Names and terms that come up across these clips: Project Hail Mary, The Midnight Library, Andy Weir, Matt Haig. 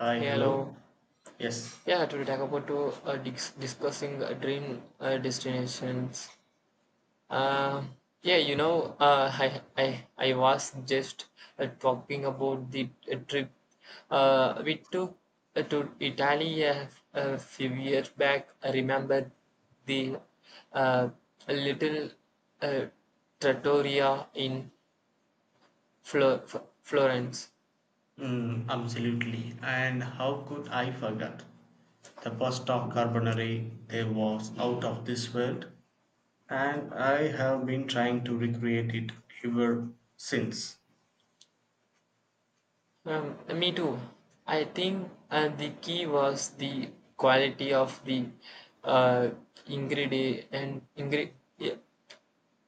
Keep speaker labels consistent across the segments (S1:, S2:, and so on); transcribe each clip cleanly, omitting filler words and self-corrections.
S1: Hi,
S2: Hey,
S1: hello.
S2: hello.
S1: Yes,
S2: Yeah, today talk about to discussing dream destinations. Uh, I was just talking about the trip we took to Italy a few years back. I remember the uh, little uh, trattoria in Florence.
S1: mm, absolutely. And how could I forget? The pasta carbonari, they was out of this world, and I have been trying to recreate it ever since.
S2: Me too. I think the key was the quality of the uh, ingredient ingre- yeah,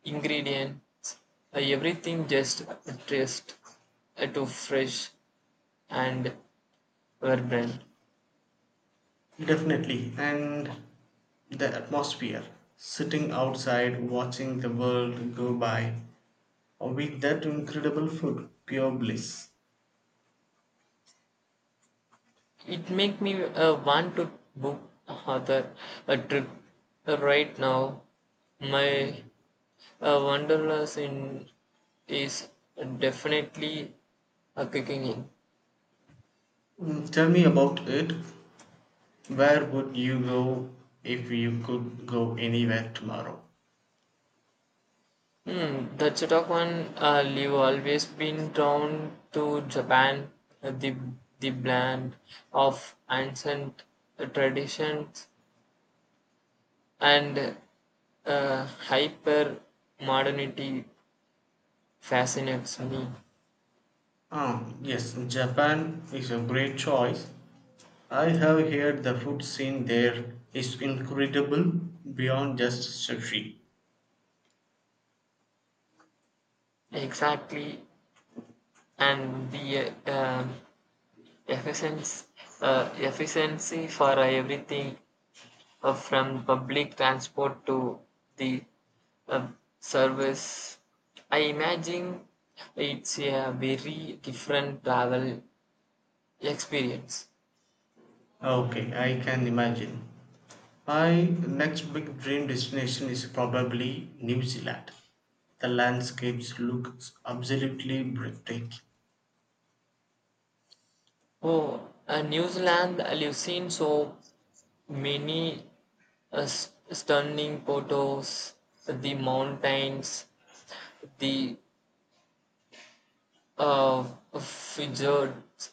S2: ingredients. Everything just taste to fresh and vibrant.
S1: Definitely. And the atmosphere, sitting outside, watching the world go by, with that incredible food, pure bliss.
S2: It make me want to book another a trip right now. My wanderlust in is definitely kicking in.
S1: Mm, tell me about it. Where would you go if you could go anywhere tomorrow?
S2: That's a tough one. I've always been drawn to Japan, uh, the the blend of ancient traditions and uh, hyper modernity fascinates me.
S1: Ah, yes, Japan is a great choice. I have heard the food scene there is incredible beyond just sushi.
S2: Exactly, and the uh, um, efficiency, efficiency for everything from public transport to the uh, service. I imagine it's a very different travel experience.
S1: Okay, I can imagine. My next big dream destination is probably New Zealand. The landscapes look absolutely breathtaking.
S2: Oh, New Zealand, you've seen so many stunning photos, the mountains, the uh, fjords.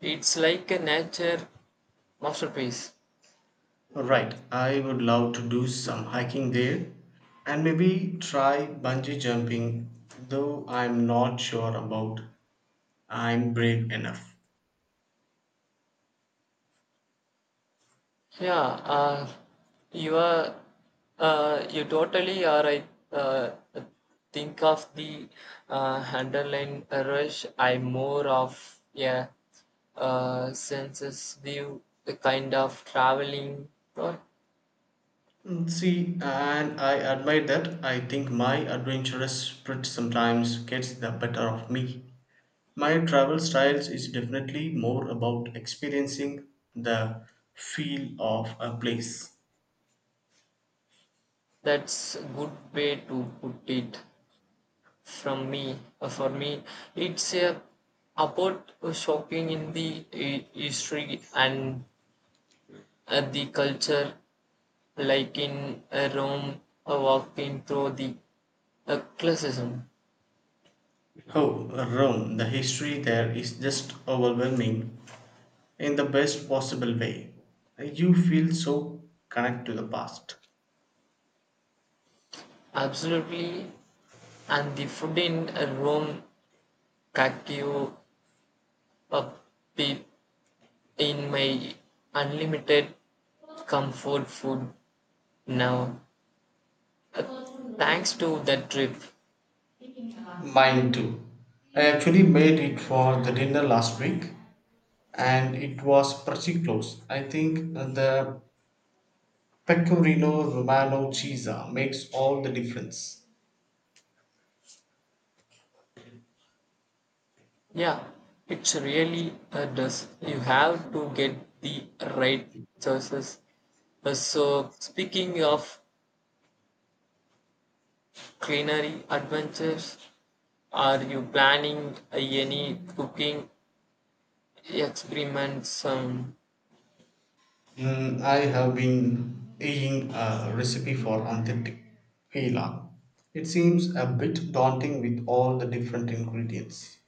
S2: It's like a nature masterpiece.
S1: Right, I would love to do some hiking there and maybe try bungee jumping, though I'm not sure about I'm brave enough.
S2: Yeah, you are you totally are right. Think of the underlying rush. I more of sensitive kind of traveling. Uh,
S1: Mm, see, and I admit that I think my adventurous spirit sometimes gets the better of me. My travel styles is definitely more about experiencing the feel of a place.
S2: That's a good way to put it. From me, for me, it's a about shocking in the history and the culture like in Rome, a walking through the classicism.
S1: Oh, Rome, the history there is just overwhelming, in the best possible way. You feel so connected to the past.
S2: Absolutely, and the food in Rome caught you up deep in my unlimited comfort food now. Uh, Thanks to that trip.
S1: Mine too. I actually made it for the dinner last week and it was pretty close. I think the pecorino romano cheese makes all the difference.
S2: Yeah, it's really does. You have to get the right choices. So, speaking of culinary adventures, are you planning any cooking experiments?
S1: Mm, I have been eyeing a recipe for authentic pila. It seems a bit daunting with all the different ingredients.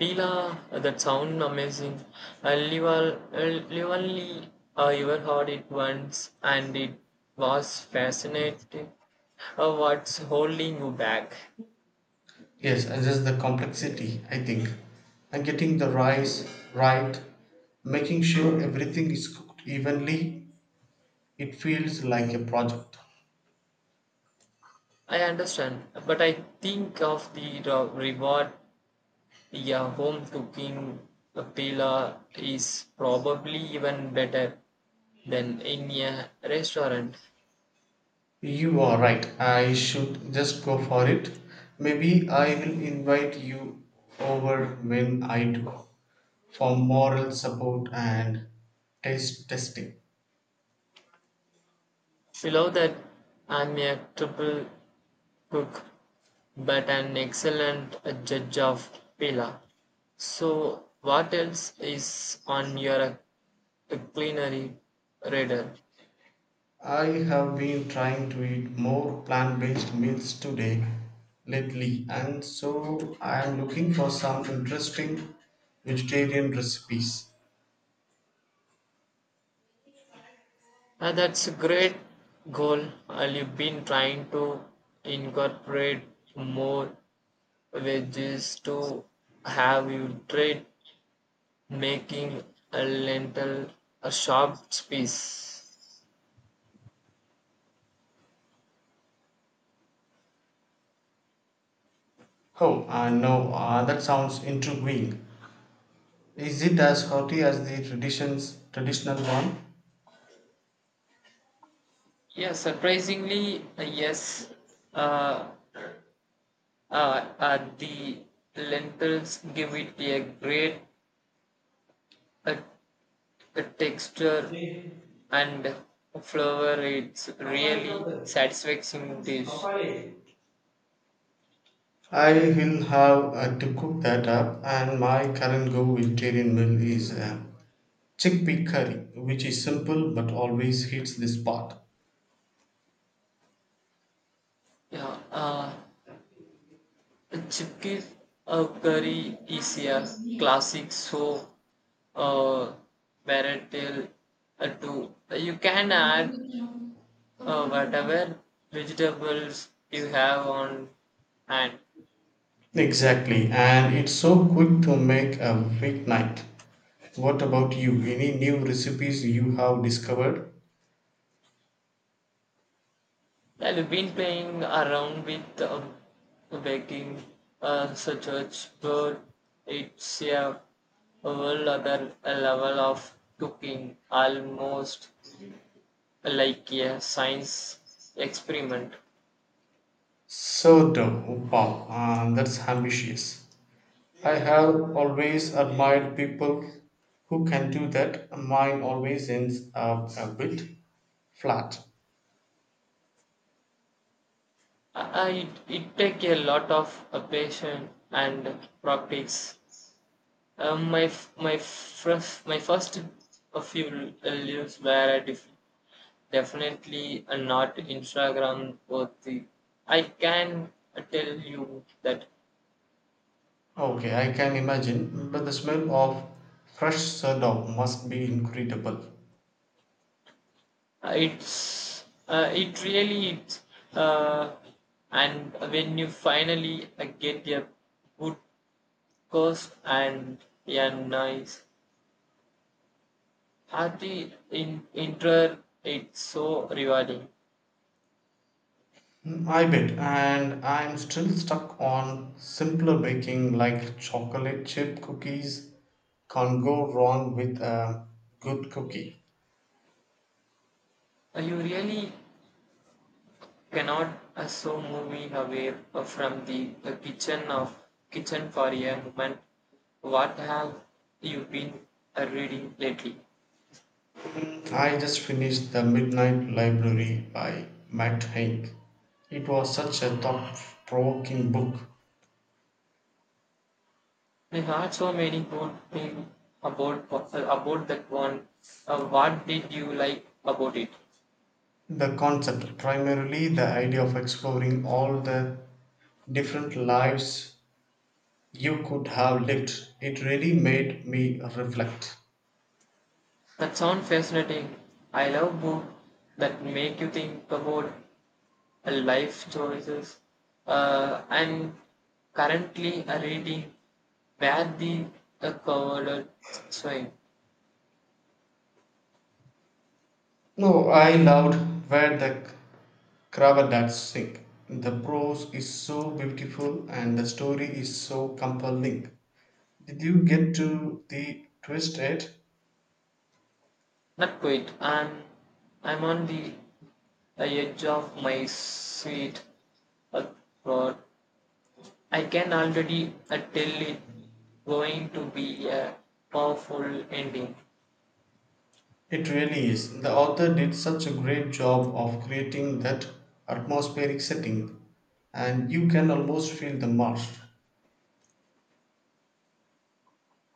S2: Pila, that sound amazing. I you uh, only ever heard it once, and it was fascinating. What's holding you back?
S1: Yes, and just the complexity, I think. And getting the rice right, making sure everything is cooked evenly, it feels like a project.
S2: I understand, but I think of the reward. Yeah, home cooking pila is probably even better than in a restaurant.
S1: You are right, I should just go for it. Maybe I will invite you over when I do, for moral support and taste testing.
S2: We love that admirable cook, but an excellent judge of pila. So, what else is on your culinary radar?
S1: I have been trying to eat more plant based meals today lately, and so I am looking for some interesting vegetarian recipes.
S2: Ah, that's a great goal. Have you been trying to incorporate more veggies to have you tried making a lentil a sharp piece?
S1: Oh, I know, that sounds intriguing. Is it as hearty as traditional one?
S2: Yeah, surprisingly, yes. Uh, the lentils give it a great uh, texture and flavor. It's really satisfying dish.
S1: I will have to cook that up, and my current go vegetarian meal is chickpea curry, which is simple but always hits the spot.
S2: Yeah, chickpea curry
S1: The
S2: is
S1: plants
S2: a
S1: is near.
S2: classic, so uh, variety to you can add whatever vegetables you have on hand.
S1: Exactly, and it's so quick to make a weeknight. What about you? Any new recipes you have discovered?
S2: I've been playing around with baking such a but it's a whole other level of cooking, almost like a science experiment.
S1: Sourdough, wow, that's ambitious. I have always admired people who can do that. Mine always ends up a bit flat.
S2: I, it take a lot of patience and practice. My first few leaves were definitely not Instagram worthy. I can tell you that
S1: Okay, I can imagine, but the smell of fresh sourdough must be incredible.
S2: it's it really is. Uh, and when you finally get a good course and a nice hearty in intro, it's so rewarding.
S1: Mm, I bet, and I'm still stuck on simpler baking like chocolate chip cookies. Can't go wrong with a good cookie.
S2: You really cannot also move me away from the kitchen for a moment. What have you been reading lately?
S1: I just finished The Midnight Library by Matt Haig. It was such a thought provoking book.
S2: I heard so many good things about uh, about that one. What did you like about it?
S1: The concept, primarily the idea of exploring all the different lives you could have lived, it really made me reflect.
S2: That sounds fascinating. I love books that make you think about life choices. I'm currently reading Where the Coward Swing.
S1: No, I loved where the Kravat, that's sick. The prose is so beautiful and the story is so compelling. Did you get to the twist yet?
S2: Not quite. I'm on the edge of my seat. Uh, God, I can already tell it going to be a powerful ending.
S1: It really is. The author did such a great job of creating that atmospheric setting, and you can almost feel the marsh.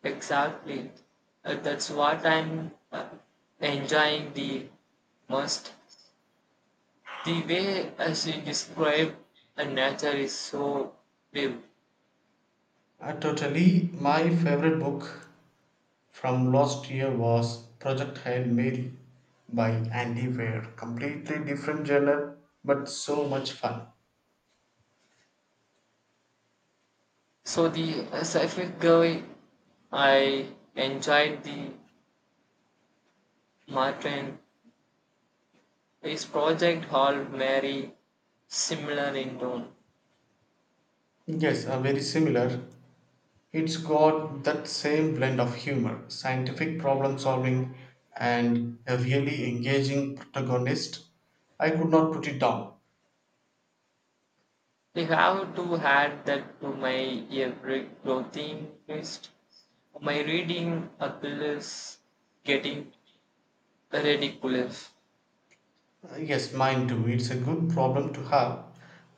S2: Exactly. That's what I'm enjoying the most. The way she described nature is so vivid.
S1: Totally, my favorite book from last year was Project Hail Mary by Andy Weir. Completely different genre, but so much fun.
S2: So the sci-fi guy, I enjoyed the Martin. Is Project Hall Mary similar in tone?
S1: Yes, very similar. It's got that same blend of humor, scientific problem solving, and a really engaging protagonist. I could not put it down.
S2: They have to add that to my every clothing list. My reading appeals getting ridiculous.
S1: Yes, mine too. It's a good problem to have,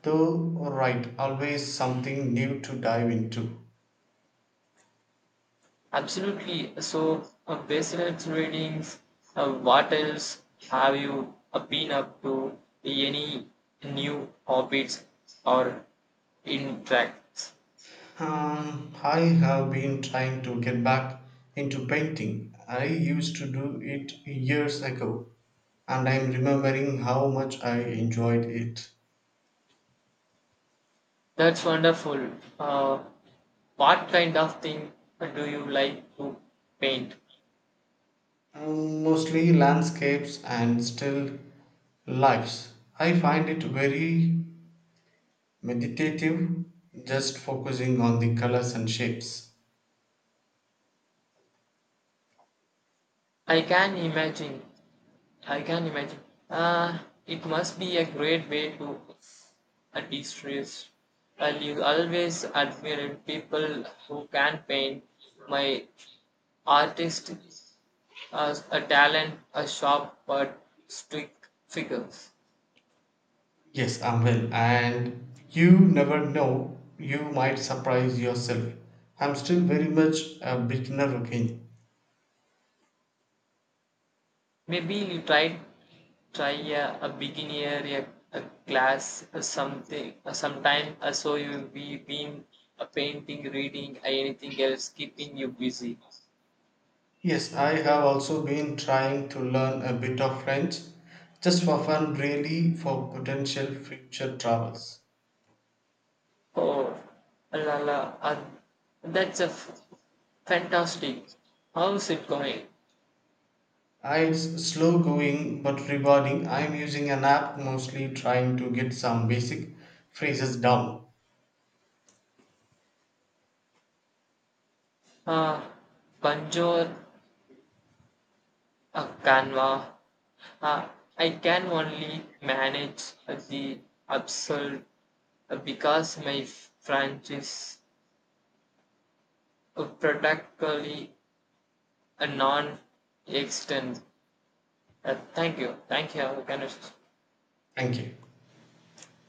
S1: though, right, always something new to dive into.
S2: Absolutely. So, besides readings, what else have you been up to? Any new hobbies or interests?
S1: I have been trying to get back into painting. I used to do it years ago, and I'm remembering how much I enjoyed it.
S2: That's wonderful. Uh, what kind of thing do you like to paint?
S1: Mm, mostly landscapes and still lives. I find it very meditative, just focusing on the colors and shapes.
S2: I can imagine. I can imagine. Uh, it must be a great way to de-stress. And you always admired people who can paint. My artist, a talent, a sharp but strict figures.
S1: Yes, I'm well, and you never know, you might surprise yourself. I'm still very much a beginner again.
S2: Maybe you tried try a begin a class a something a sometime so you be been a painting reading anything else keeping you busy?
S1: Yes, I have also been trying to learn a bit of French just for fun, really, for potential future travels.
S2: Oh la la, uh, that's a fantastic. How's it going?
S1: It's slow going but rewarding. I'm using an app mostly trying to get some basic phrases down.
S2: uh Bonjour, canva, uh, I can only manage the absurd because my french is practically a non-existent. Thank you, thank you, Avakanesh.
S1: Thank you.